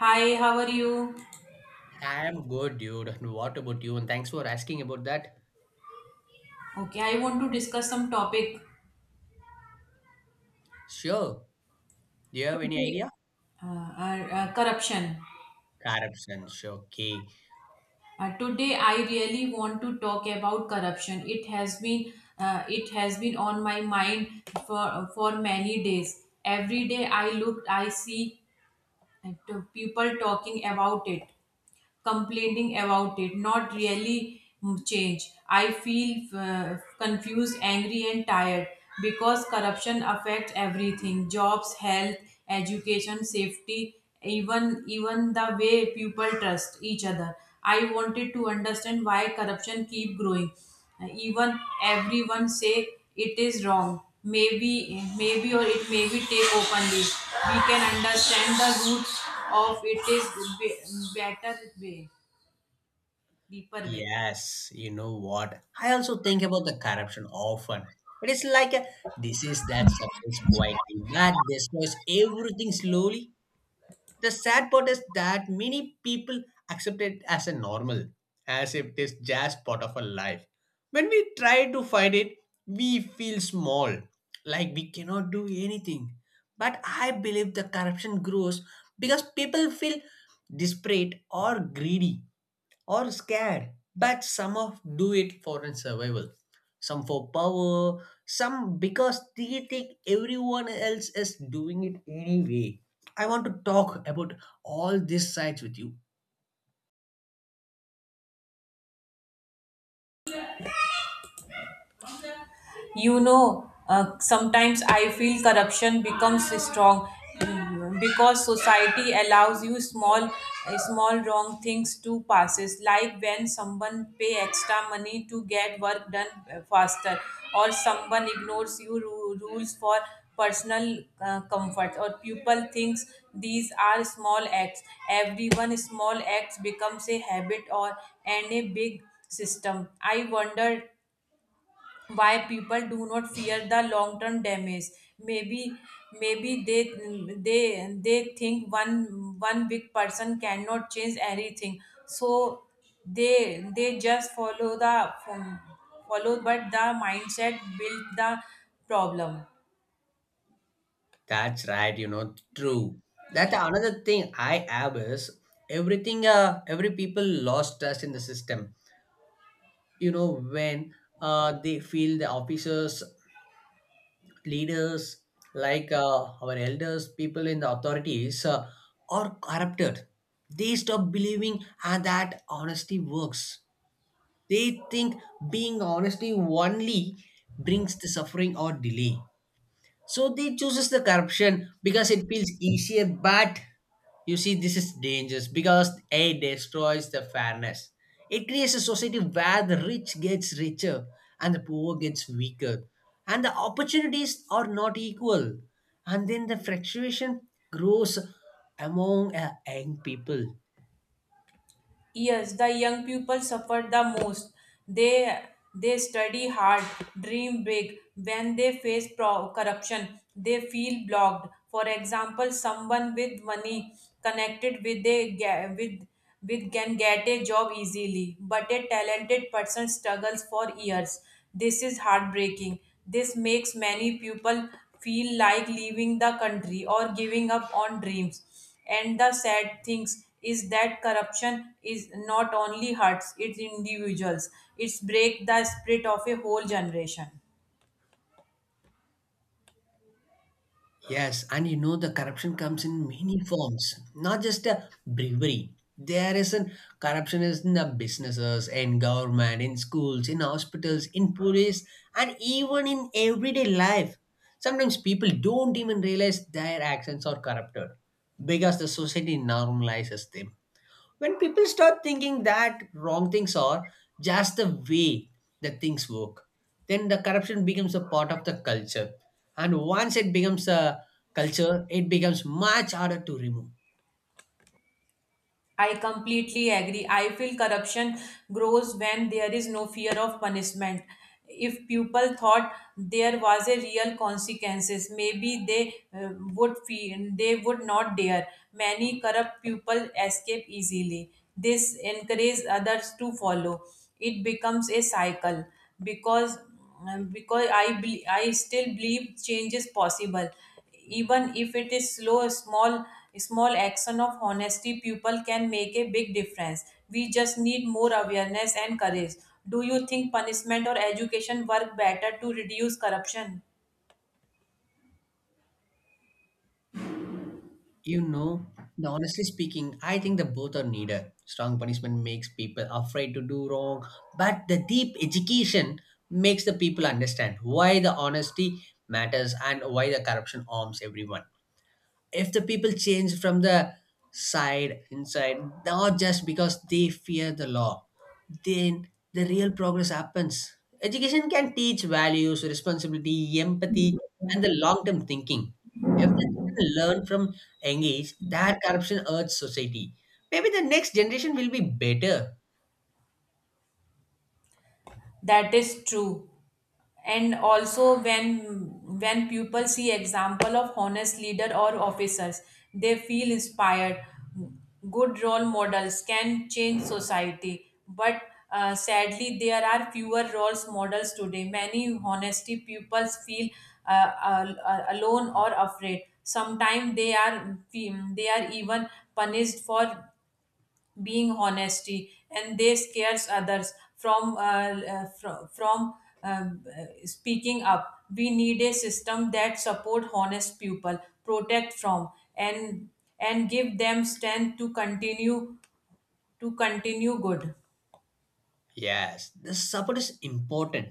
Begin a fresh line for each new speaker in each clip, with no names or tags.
Hi, how are you?
I am good, dude. And what about you? And thanks for asking about that.
Okay, I want to discuss some topic
Sure. Do you have any
today.
idea?
Corruption.
Corruption. Sure. Okay.
Today, I really want to talk about corruption. It has been on my mind for many days. Every day I look, I see and to people talking about it, complaining about it, not really change. I feel confused, angry, and tired because corruption affects everything: jobs, health, education, safety, even the way people trust each other. I wanted to understand why corruption keep growing, even everyone say it is wrong. Maybe, or it may be take openly. We can understand the roots of it is better way, deeper way.
Yes. You know what? I also think about the corruption often. It is like a disease that spreads quietly but destroys everything slowly. The sad part is that many people accept it as a normal, as if it is just part of our life. When we try to fight it, we feel small, like we cannot do anything. But I believe the corruption grows because people feel desperate or greedy or scared, but some of do it for a survival, some for power, some because they think everyone else is doing it anyway. I want to talk about all these sides with you.
Sometimes I feel corruption becomes strong because society allows you small, small wrong things to passes, like when someone pay extra money to get work done faster, or someone ignores you rules for personal comfort, or people thinks these are small acts. Everyone small acts becomes a habit, or and a big system. I wonder why people do not fear the long term damage. Maybe maybe they think one big person cannot change everything, so they just follow, but the mindset build the problem.
That's right, you know, true. That's another thing I have is everything every people lost trust in the system. You know, when they feel the officers leaders like our elders, people in the authorities are corrupted. They stop believing that honesty works. They think being honesty only brings the suffering or delay. So they chooses the corruption because it feels easier, but you see, this is dangerous because A destroys the fairness. It creates a society where the rich gets richer and the poor gets weaker, and the opportunities are not equal. And then the fluctuation grows among young people.
Yes, the young people suffer the most. They they study hard, dream big. When they face corruption, they feel blocked. For example, someone with money connected with can get a job easily, but a talented person struggles for years. This is heartbreaking. This makes many people feel like leaving the country or giving up on dreams. And the sad things is that corruption is not only hurts its individuals; it's break the spirit of a whole generation.
Yes, and you know the corruption comes in many forms, not just a bribery. There is a corruption is in the businesses, in government, in schools, in hospitals, in police, and even in everyday life. Sometimes people don't even realize their actions are corrupted because the society normalizes them. When people start thinking that wrong things are just the way that things work, then the corruption becomes a part of the culture. And once it becomes a culture, it becomes much harder to remove.
I completely agree. I feel corruption grows when there is no fear of punishment. If people thought there was a real consequences, maybe they would feel they would not dare. Many corrupt people escape easily. This encourages others to follow. It becomes a cycle, because because I still believe change is possible, even if it is slow. A small action of honesty people can make a big difference. We just need more awareness and courage. Do you think punishment or education work better to reduce corruption?
You know, honestly speaking, I think the both are needed. Strong punishment makes people afraid to do wrong, but the deep education makes the people understand why the honesty matters and why the corruption harms everyone. If the people change from the side inside, not just because they fear the law, then the real progress happens. Education can teach values, responsibility, empathy, and the long-term thinking. If the children learn from engage, that corruption hurts society, maybe the next generation will be better.
That is true, and also when people see example of honest leader or officers, they feel inspired. Good role models can change society, but sadly there are fewer role models today. Many honesty pupils feel alone or afraid. Sometimes they are even punished for being honesty, and they scares others from speaking up. We need a system that support honest people, protect from, and and give them strength to continue good.
Yes, the support is important.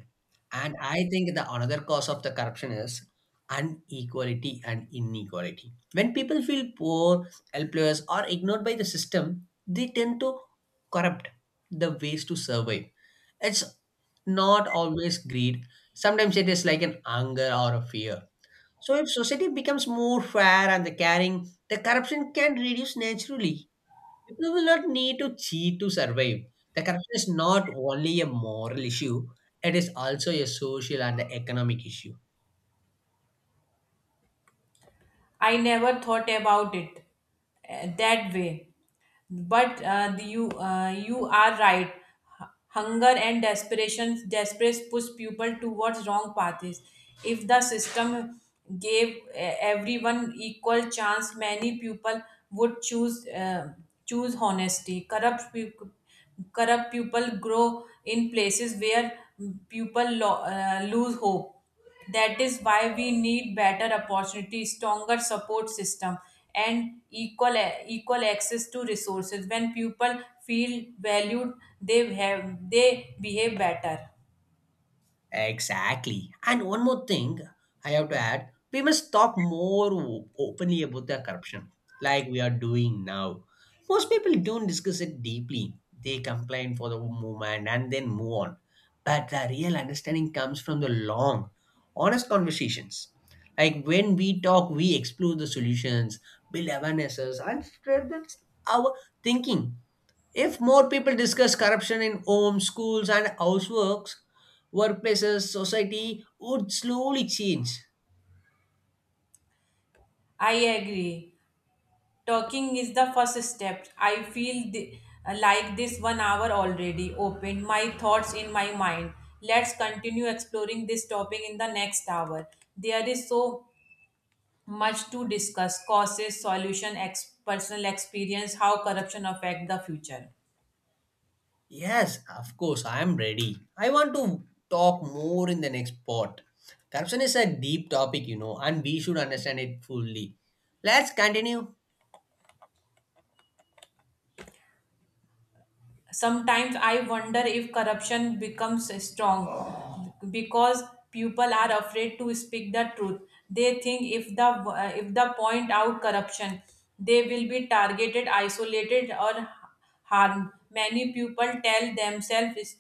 And I think the another cause of the corruption is unequality and inequality. When people feel poor, helpless, or ignored by the system, they tend to corrupt the ways to survive. It's not always greed. Sometimes it is like an anger or a fear. So if society becomes more fair and the caring, the corruption can reduce naturally. People will not need to cheat to survive. The corruption is not only a moral issue, it is also a social and economic issue.
I never thought about it that way. But you are right. Hunger and desperation desperate push people towards wrong paths. If the system gave everyone equal chance, many people would choose choose honesty. Corrupt people grow in places where people lose hope. That is why we need better opportunities, stronger support system, and equal access to resources. When people feel valued, they have they behave better.
Exactly. And one more thing I have to add, we must talk more openly about the corruption, like we are doing now. Most people don't discuss it deeply. They complain for the moment and then move on. But the real understanding comes from the long, honest conversations. Like when we talk, we explore the solutions, build awarenesses, and strengthen our thinking. If more people discuss corruption in homes, schools, and houseworks, workplaces, society would slowly change.
I agree. Talking is the first step. I feel like this one hour already opened my thoughts in my mind. Let's continue exploring this topic in the next hour. There is so much to discuss: causes, solution, personal experience, how corruption affect the future.
Yes, of course, I am ready. I want to talk more in the next part. Corruption is a deep topic, you know, and we should understand it fully. Let's continue.
Sometimes I wonder if corruption becomes strong because people are afraid to speak the truth. They think if the, if the point out corruption, they will be targeted, isolated, or harmed. Many people tell themselves it's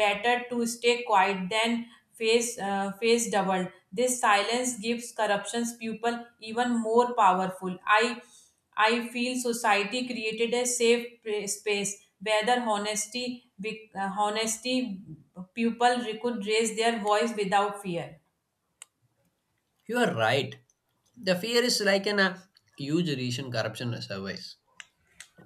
better to stay quiet than face, face doubled. This silence gives corruptions people even more powerful. I feel society created a safe space where the honesty, honesty people could raise their voice without fear.
You are right. The fear is like an huge reason corruption survives.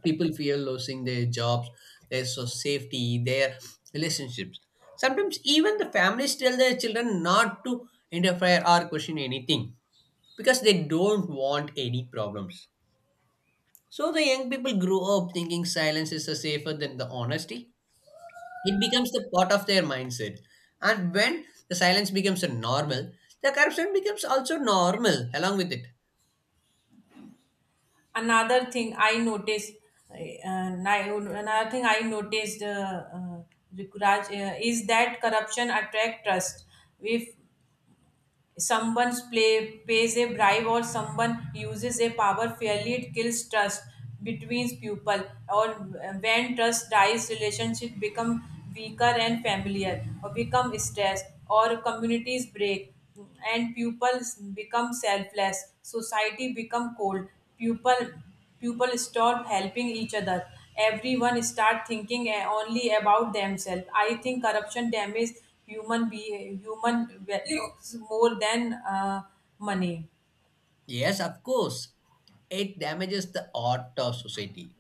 People fear losing their jobs, their safety, their relationships. Sometimes even the families tell their children not to interfere or question anything because they don't want any problems. So the young people grow up thinking silence is safer than the honesty. It becomes the part of their mindset. And when the silence becomes a normal, the corruption becomes also normal along with it.
Another thing I noticed, uh, another thing I noticed, Rikuraj, is that corruption attract trust. If someone pays a bribe, or someone uses a power fairly, it kills trust between people. Or when trust dies, relationship become weaker and familiar, or become stressed, or communities break, and pupils become selfless, society become cold. people People stop helping each other. Everyone start thinking, only about themselves. I think corruption damages human be human values more than, money.
Yes, of course. It damages the art of society.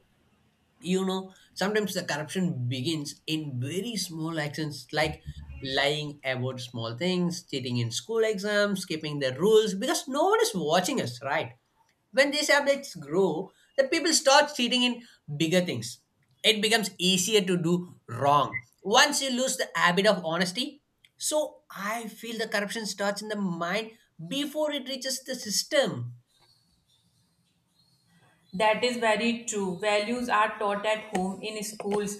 You know, sometimes the corruption begins in very small actions, like lying about small things, cheating in school exams, skipping the rules because no one is watching us, right? When these habits grow, the people start cheating in bigger things. It becomes easier to do wrong once you lose the habit of honesty. So I feel the corruption starts in the mind before it reaches the system.
That is very true. Values are taught at home, in schools,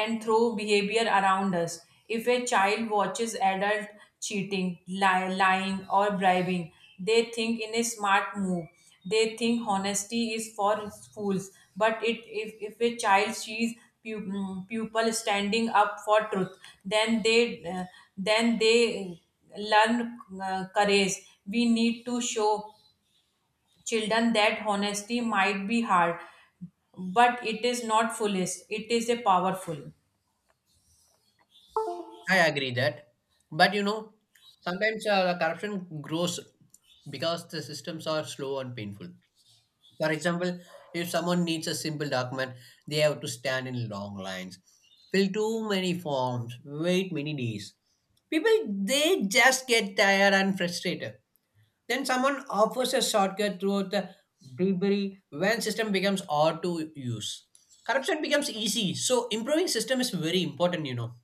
and through behavior around us. If a child watches adult cheating, lying, or bribing, they think in a smart move. They think honesty is for fools. But it, if a child sees pupil standing up for truth, then they uh, then they learn courage. We need to show children that honesty might be hard, but it is not foolish. It is a powerful.
I agree that, but you know, sometimes the corruption grows because the systems are slow and painful. For example, if someone needs a simple document, they have to stand in long lines, fill too many forms, wait many days. People they just get tired and frustrated. Then someone offers a shortcut throughout the debris when system becomes hard to use. Corruption becomes easy, so improving system is very important, you know.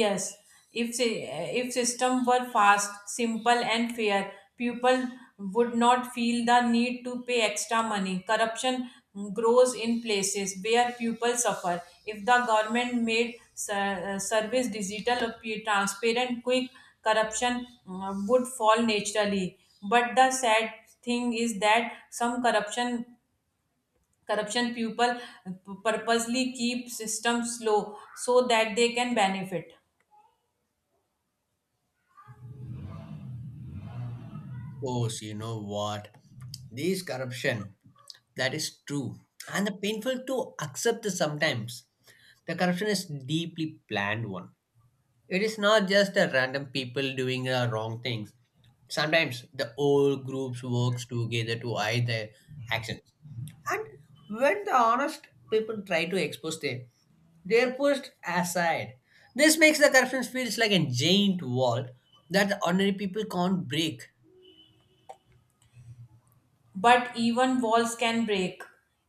Yes, if if system were fast, simple, and fair, people would not feel the need to pay extra money. Corruption grows in places where people suffer. If the government made service digital, appear transparent, quick, corruption would fall naturally. But the sad thing is that some corruption people purposely keep systems slow so that they can benefit.
Course, you know what? This corruption, that is true. And the painful to accept this sometimes. The corruption is deeply planned one. It is not just a random people doing wrong things. Sometimes the whole groups works together to hide their actions. And when the honest people try to expose them, they are pushed aside. This makes the corruption feels like a giant wall that the ordinary people can't break.
But even walls can break.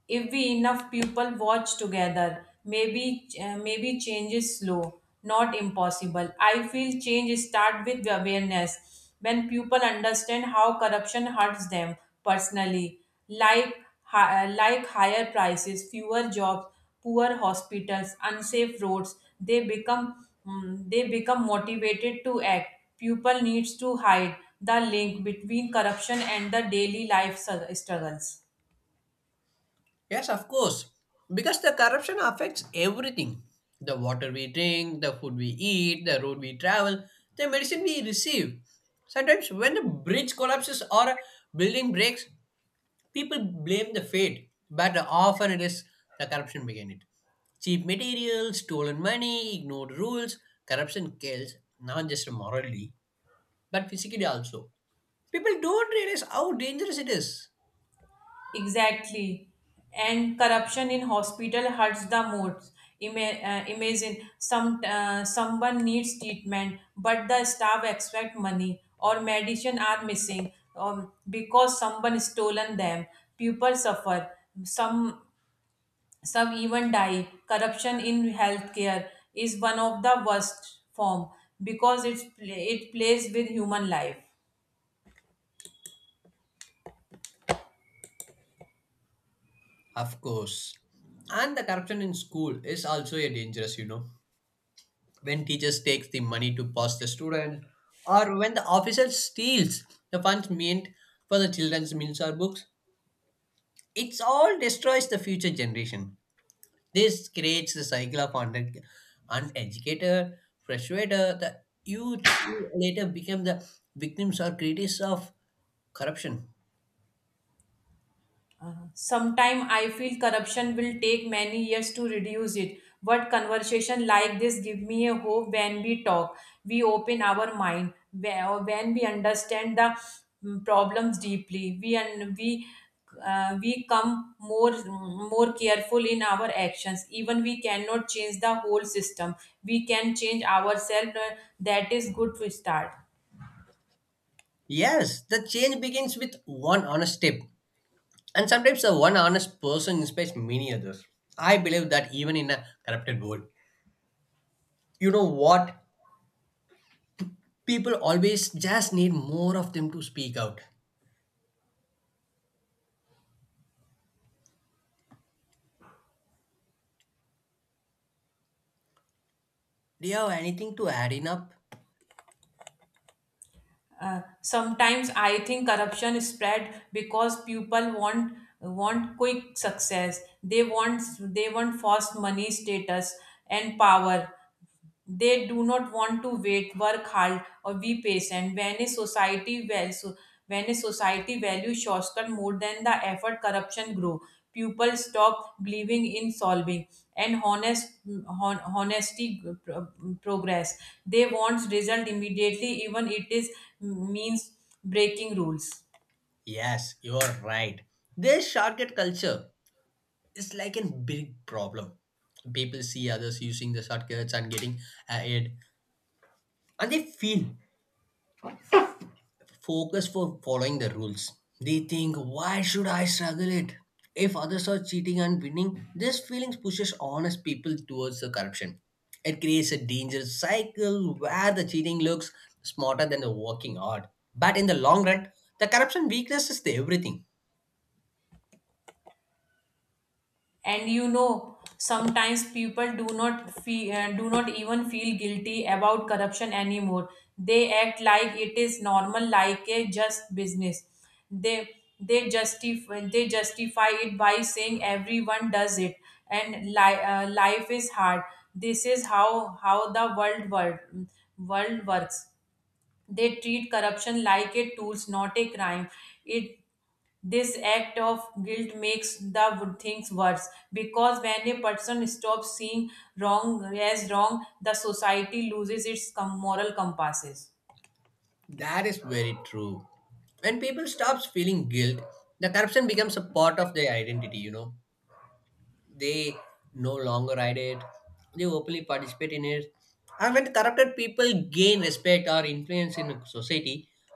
If we enough people watch together, maybe, maybe change is slow, not impossible. I feel change start with awareness. When people understand how corruption hurts them personally, like, like higher prices, fewer jobs, poor hospitals, unsafe roads, they become, they become motivated to act. People needs to hide the link between corruption and the daily life struggles.
Yes, of course. Because the corruption affects everything: the water we drink, the food we eat, the road we travel, the medicine we receive. Sometimes, when the bridge collapses or a building breaks, people blame the fate, but often it is the corruption behind it. Cheap materials, stolen money, ignored rules, corruption kills, not just morally, but physically also. People don't realize how dangerous it is.
Exactly. And corruption in hospital hurts the most. Imagine someone needs treatment, but the staff expect money, or medicine are missing, because someone stolen them. People suffer. Some some even die. Corruption in healthcare is one of the worst form, because it plays with human life.
Of course. And the corruption in school is also a dangerous, you know. When teachers takes the money to pass the student, or when the officer steals the funds meant for the children's meals or books, it's all destroys the future generation. This creates the cycle of under uneducated, frustrator, the youth who later become the victims or critics of corruption.
Sometime I feel corruption will take many years to reduce it. But conversation like this give me a hope. When we talk, we open our mind, when we understand the, problems deeply. We and we we come more careful in our actions. Even we cannot change the whole system, we can change ourselves. That is good to start.
Yes, the change begins with one honest step. And sometimes the one honest person inspires many others. I believe that even in a corrupted world, you know what? People always just need more of them to speak out. Do you have anything to add in up?
Sometimes I think corruption is spread because people want quick success. They want fast money, status, and power. They do not want to wait, work hard, or be patient. When a society values shortcut more than the effort, corruption grow. People stop believing in solving and honest, hon, honesty uh, pro- progress. They want result immediately, even it is means breaking rules.
Yes, you're right. This shortcut culture is like a big problem. People see others using the shortcuts and getting ahead, and they feel focus for following the rules. They think, why should I struggle it? If others are cheating and winning, this feeling pushes honest people towards the corruption. It creates a dangerous cycle where the cheating looks smarter than the working hard. But in the long run, the corruption weakness is the everything.
And sometimes people do not even feel guilty about corruption anymore. They act like it is normal, like a just business. They they justify it by saying everyone does it, and, life is hard, this is how the world works. They treat corruption like a tools, not a crime. It this act of guilt makes the things worse, because when a person stops seeing wrong as wrong, the society loses its moral compasses.
That is very true. When people stops feeling guilt, the corruption becomes a part of their identity, you know. They no longer hide it. They openly participate in it. And when corrupted people gain respect or influence in society,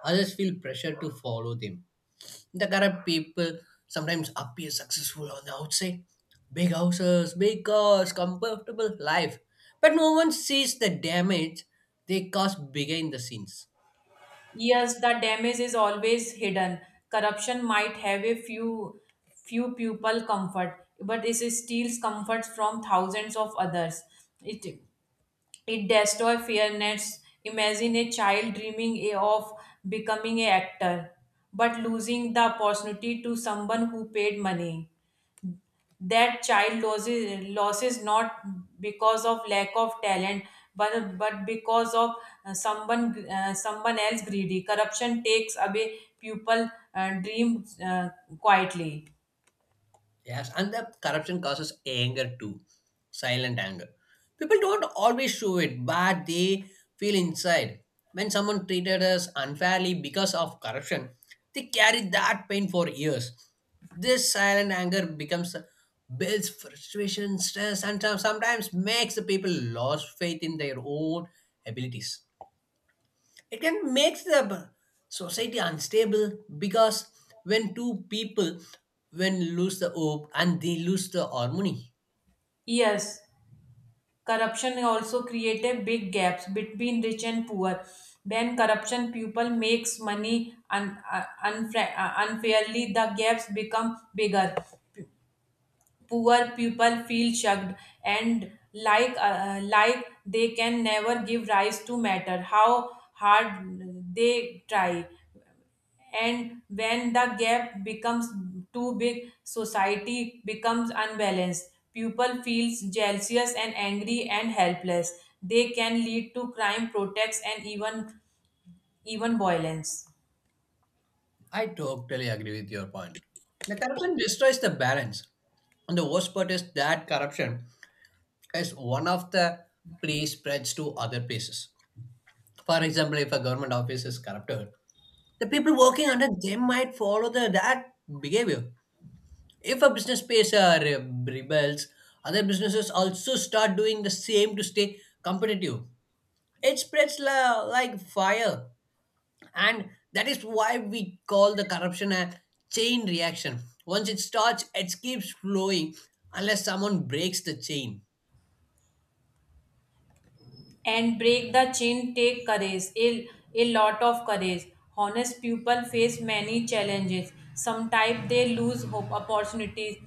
others feel pressure to follow them. The corrupt people sometimes appear successful on the outside: big houses, big cars, comfortable life, but no one sees the damage they cause behind the scenes.
Yes, the damage is always hidden. Corruption might have a few people comfort, but it steals comfort from thousands of others. It It destroys fairness. Imagine a child dreaming of becoming an actor, but losing the opportunity to someone who paid money. That child loses not because of lack of talent, but because of, someone else greedy. Corruption takes away people, dream, quietly.
Yes, and the corruption causes anger too, silent anger. People don't always show it, but they feel inside. When someone treated us unfairly because of corruption, they carry that pain for years. This silent anger becomes builds frustration, stress, and sometimes makes the people lose faith in their own abilities. It can make the society unstable because when two people when lose the hope and they lose the harmony.
Yes, corruption also created big gaps between rich and poor. When corruption people makes money, unfairly, the gaps become bigger. Poor people feel shocked and like, like they can never give rise to matter how hard they try. And when the gap becomes too big, society becomes unbalanced, people feels jealous and angry and helpless, they can lead to crime, protests, and even violence.
I totally agree with your point. The corruption destroys the balance. And the worst part is that corruption is one of the place spreads to other places. For example, if a government office is corrupted, the people working under them might follow the, that behavior. If a business space rebels, other businesses also start doing the same to stay competitive. It spreads like fire, and that is why we call the corruption a chain reaction. Once it starts, it keeps flowing unless someone breaks the chain.
And break the chain take courage, a lot of courage. Honest people face many challenges. Sometimes they lose hope, opportunities.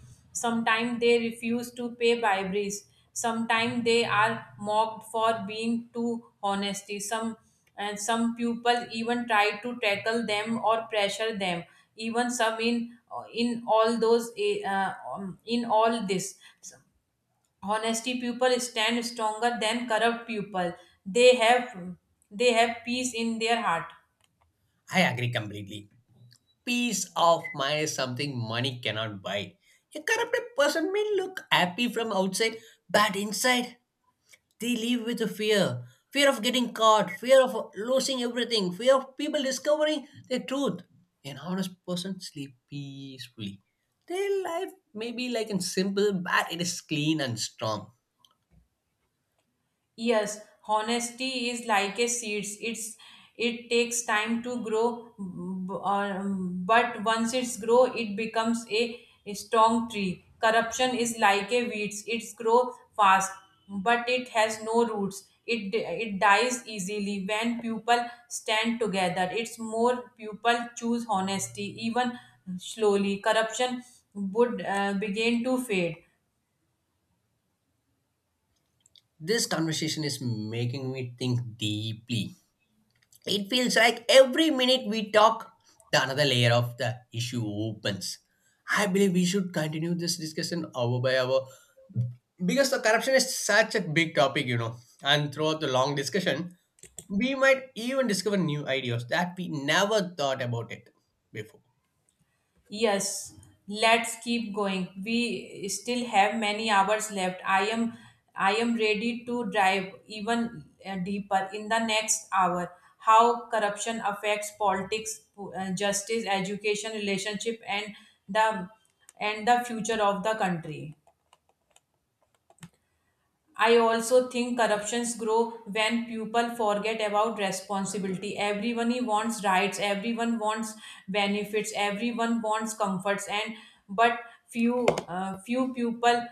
Sometimes they refuse to pay briberies. Sometimes they are mocked for being too honesty. Some people even try to tackle them or pressure them. Even some in all this, honesty people stand stronger than corrupt people. They have they have peace in their heart.
I agree completely. Peace of mind is something money cannot buy. A corrupted person may look happy from outside, but inside they live with a fear of getting caught, fear of losing everything, fear of people discovering the truth. An honest person sleeps peacefully. Their life may be like and simple, but it is clean and strong.
Yes, honesty is like a seeds. It takes time to grow, but once it's grow, it becomes a strong tree. Corruption is like a weeds. It's grow fast, but it has no roots. It dies easily when people stand together. It's more people choose honesty, even slowly, corruption would begin to fade.
This conversation is making me think deeply. It feels like every minute we talk, the another layer of the issue opens. I believe we should continue this discussion hour by hour because the corruption is such a big topic, you know. And throughout the long discussion, we might even discover new ideas that we never thought about it before.
Yes, let's keep going. We still have many hours left. I am ready to dive even deeper in the next hour. How corruption affects politics, justice, education, relationship, the and the future of the country. I also think corruptions grow when people forget about responsibility. Everyone wants rights, everyone wants benefits, everyone wants comforts, and but few, few people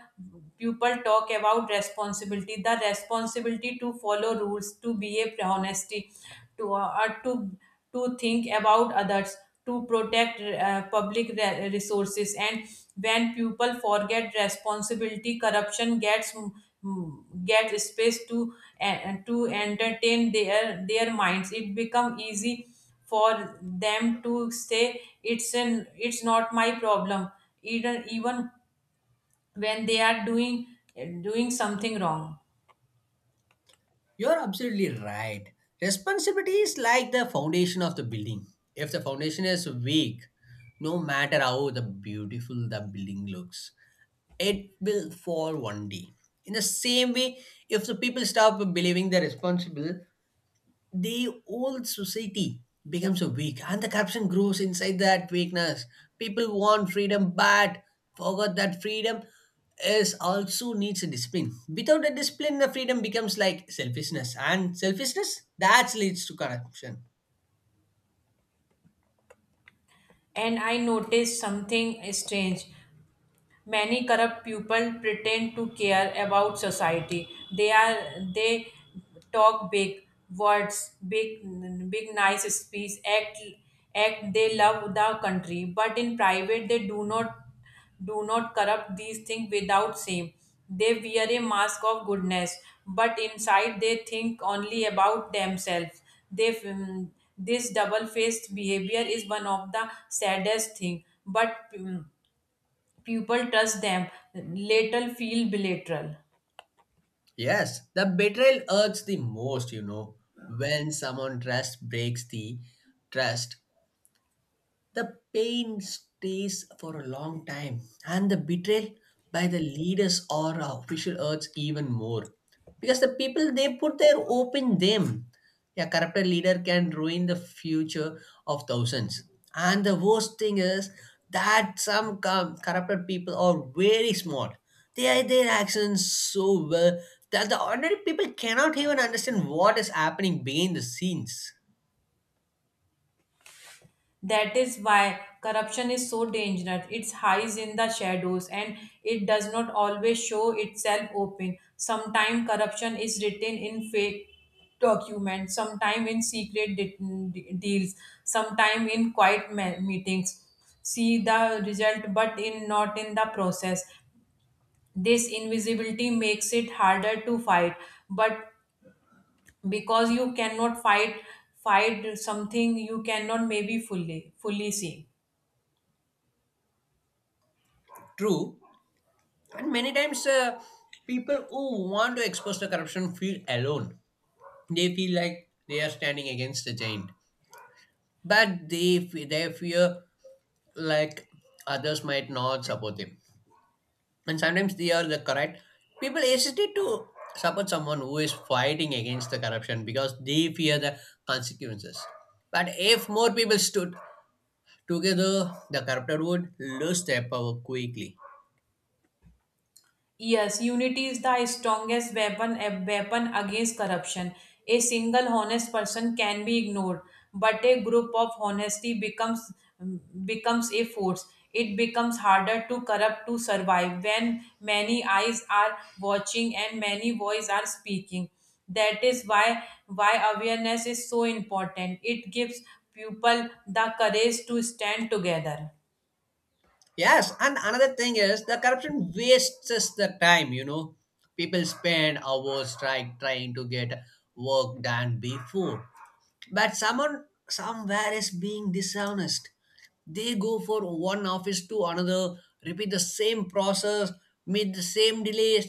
people talk about responsibility. The responsibility to follow rules, to behave honesty, to uh, to to think about others, to protect, public resources. And when people forget responsibility, corruption gets mm, mm, get space to entertain their minds. It become easy for them to say it's not my problem, even when they are doing something wrong.
You're absolutely right. Responsibility is like the foundation of the building. If the foundation is weak, no matter how the beautiful the building looks, it will fall one day. In the same way, if the people stop believing they're responsible, the whole society becomes a weak, and the corruption grows inside that weakness. People want freedom, but forgot that freedom is also needs a discipline. Without a discipline, the freedom becomes like selfishness, and selfishness that leads to corruption.
And I noticed something strange. Many corrupt people pretend to care about society. They talk big words, big nice speech, act they love the country, but in private they do not corrupt these things without shame. They wear a mask of goodness, but inside they think only about themselves. They, mm, this double faced behavior is one of the saddest thing, but, people trust them later feel bilateral.
Yes, the betrayal hurts the most, you know, when someone trust breaks the trust. The pain stays for a long time, and the betrayal by the leaders or official hurts even more because the people they put their hope in them. Yeah, corrupt leader can ruin the future of thousands. And the worst thing is that some corrupted people are very smart. They are their actions so well that the ordinary people cannot even understand what is happening behind the scenes.
That is why corruption is so dangerous. It hides in the shadows, and it does not always show itself open. Sometimes corruption is written in fake documents, sometimes in secret deals, sometimes in quiet meetings. See the result, but in not in the process. This invisibility makes it harder to fight, but because you cannot fight something you cannot maybe fully see.
True, and many times people who want to expose the corruption feel alone. They feel like they are standing against the giant, but they they fear like others might not support them. And sometimes they are the correct, people hesitate to support someone who is fighting against the corruption because they fear the consequences. But if more people stood together, the corrupted would lose their power quickly.
Yes, unity is the strongest weapon against corruption. A single honest person can be ignored, but a group of honesty becomes a force. It becomes harder to corrupt to survive when many eyes are watching and many voices are speaking. That is why awareness is so important. It gives people the courage to stand together.
Yes, and another thing is the corruption wastes us the time, you know. People spend hours trying to get work done before. But someone somewhere is being dishonest. They go for one office to another, repeat the same process, meet the same delays.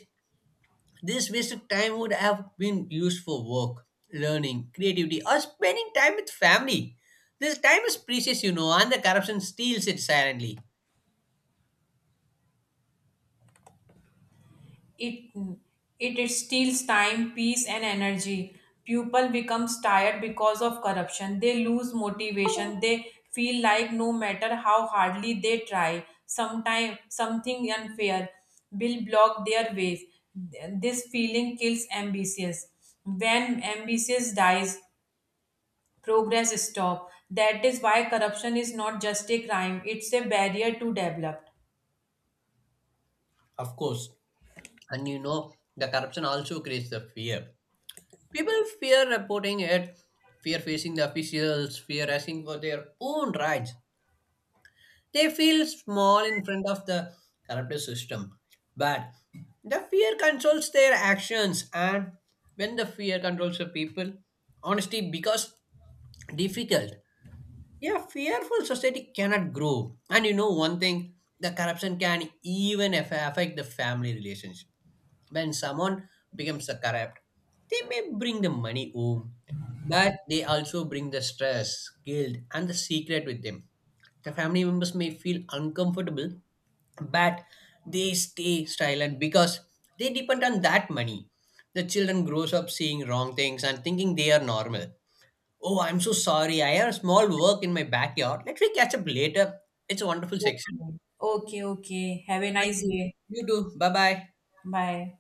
This wasted time would have been used for work, learning, creativity, or spending time with family. This time is precious, you know, and the corruption steals it silently.
It, it steals time, peace, and energy. People becomes tired because of corruption. They lose motivation. They feel like no matter how hardly they try, sometime something unfair will block their ways. This feeling kills ambitious. When ambitious dies, progress stop. That is why corruption is not just a crime; it's a barrier to develop.
Of course. And you know the corruption also creates the fear. People fear reporting it, fear facing the officials, fear asking for their own rights. They feel small in front of the corrupt system. But the fear controls their actions, and when the fear controls the people, honesty becomes difficult. Yeah, fearful society cannot grow. And you know one thing, the corruption can even affect the family relationship. When someone becomes a corrupt, they may bring the money home, but they also bring the stress, guilt, and the secret with them. The family members may feel uncomfortable, but they stay silent because they depend on that money. The children grows up seeing wrong things and thinking they are normal. Oh, I'm so sorry, I have a small work in my backyard. Let me catch up later. It's a wonderful section.
Okay. Okay. Okay. Have a
Thank
nice
you.
day.
You too. Bye bye.
Bye.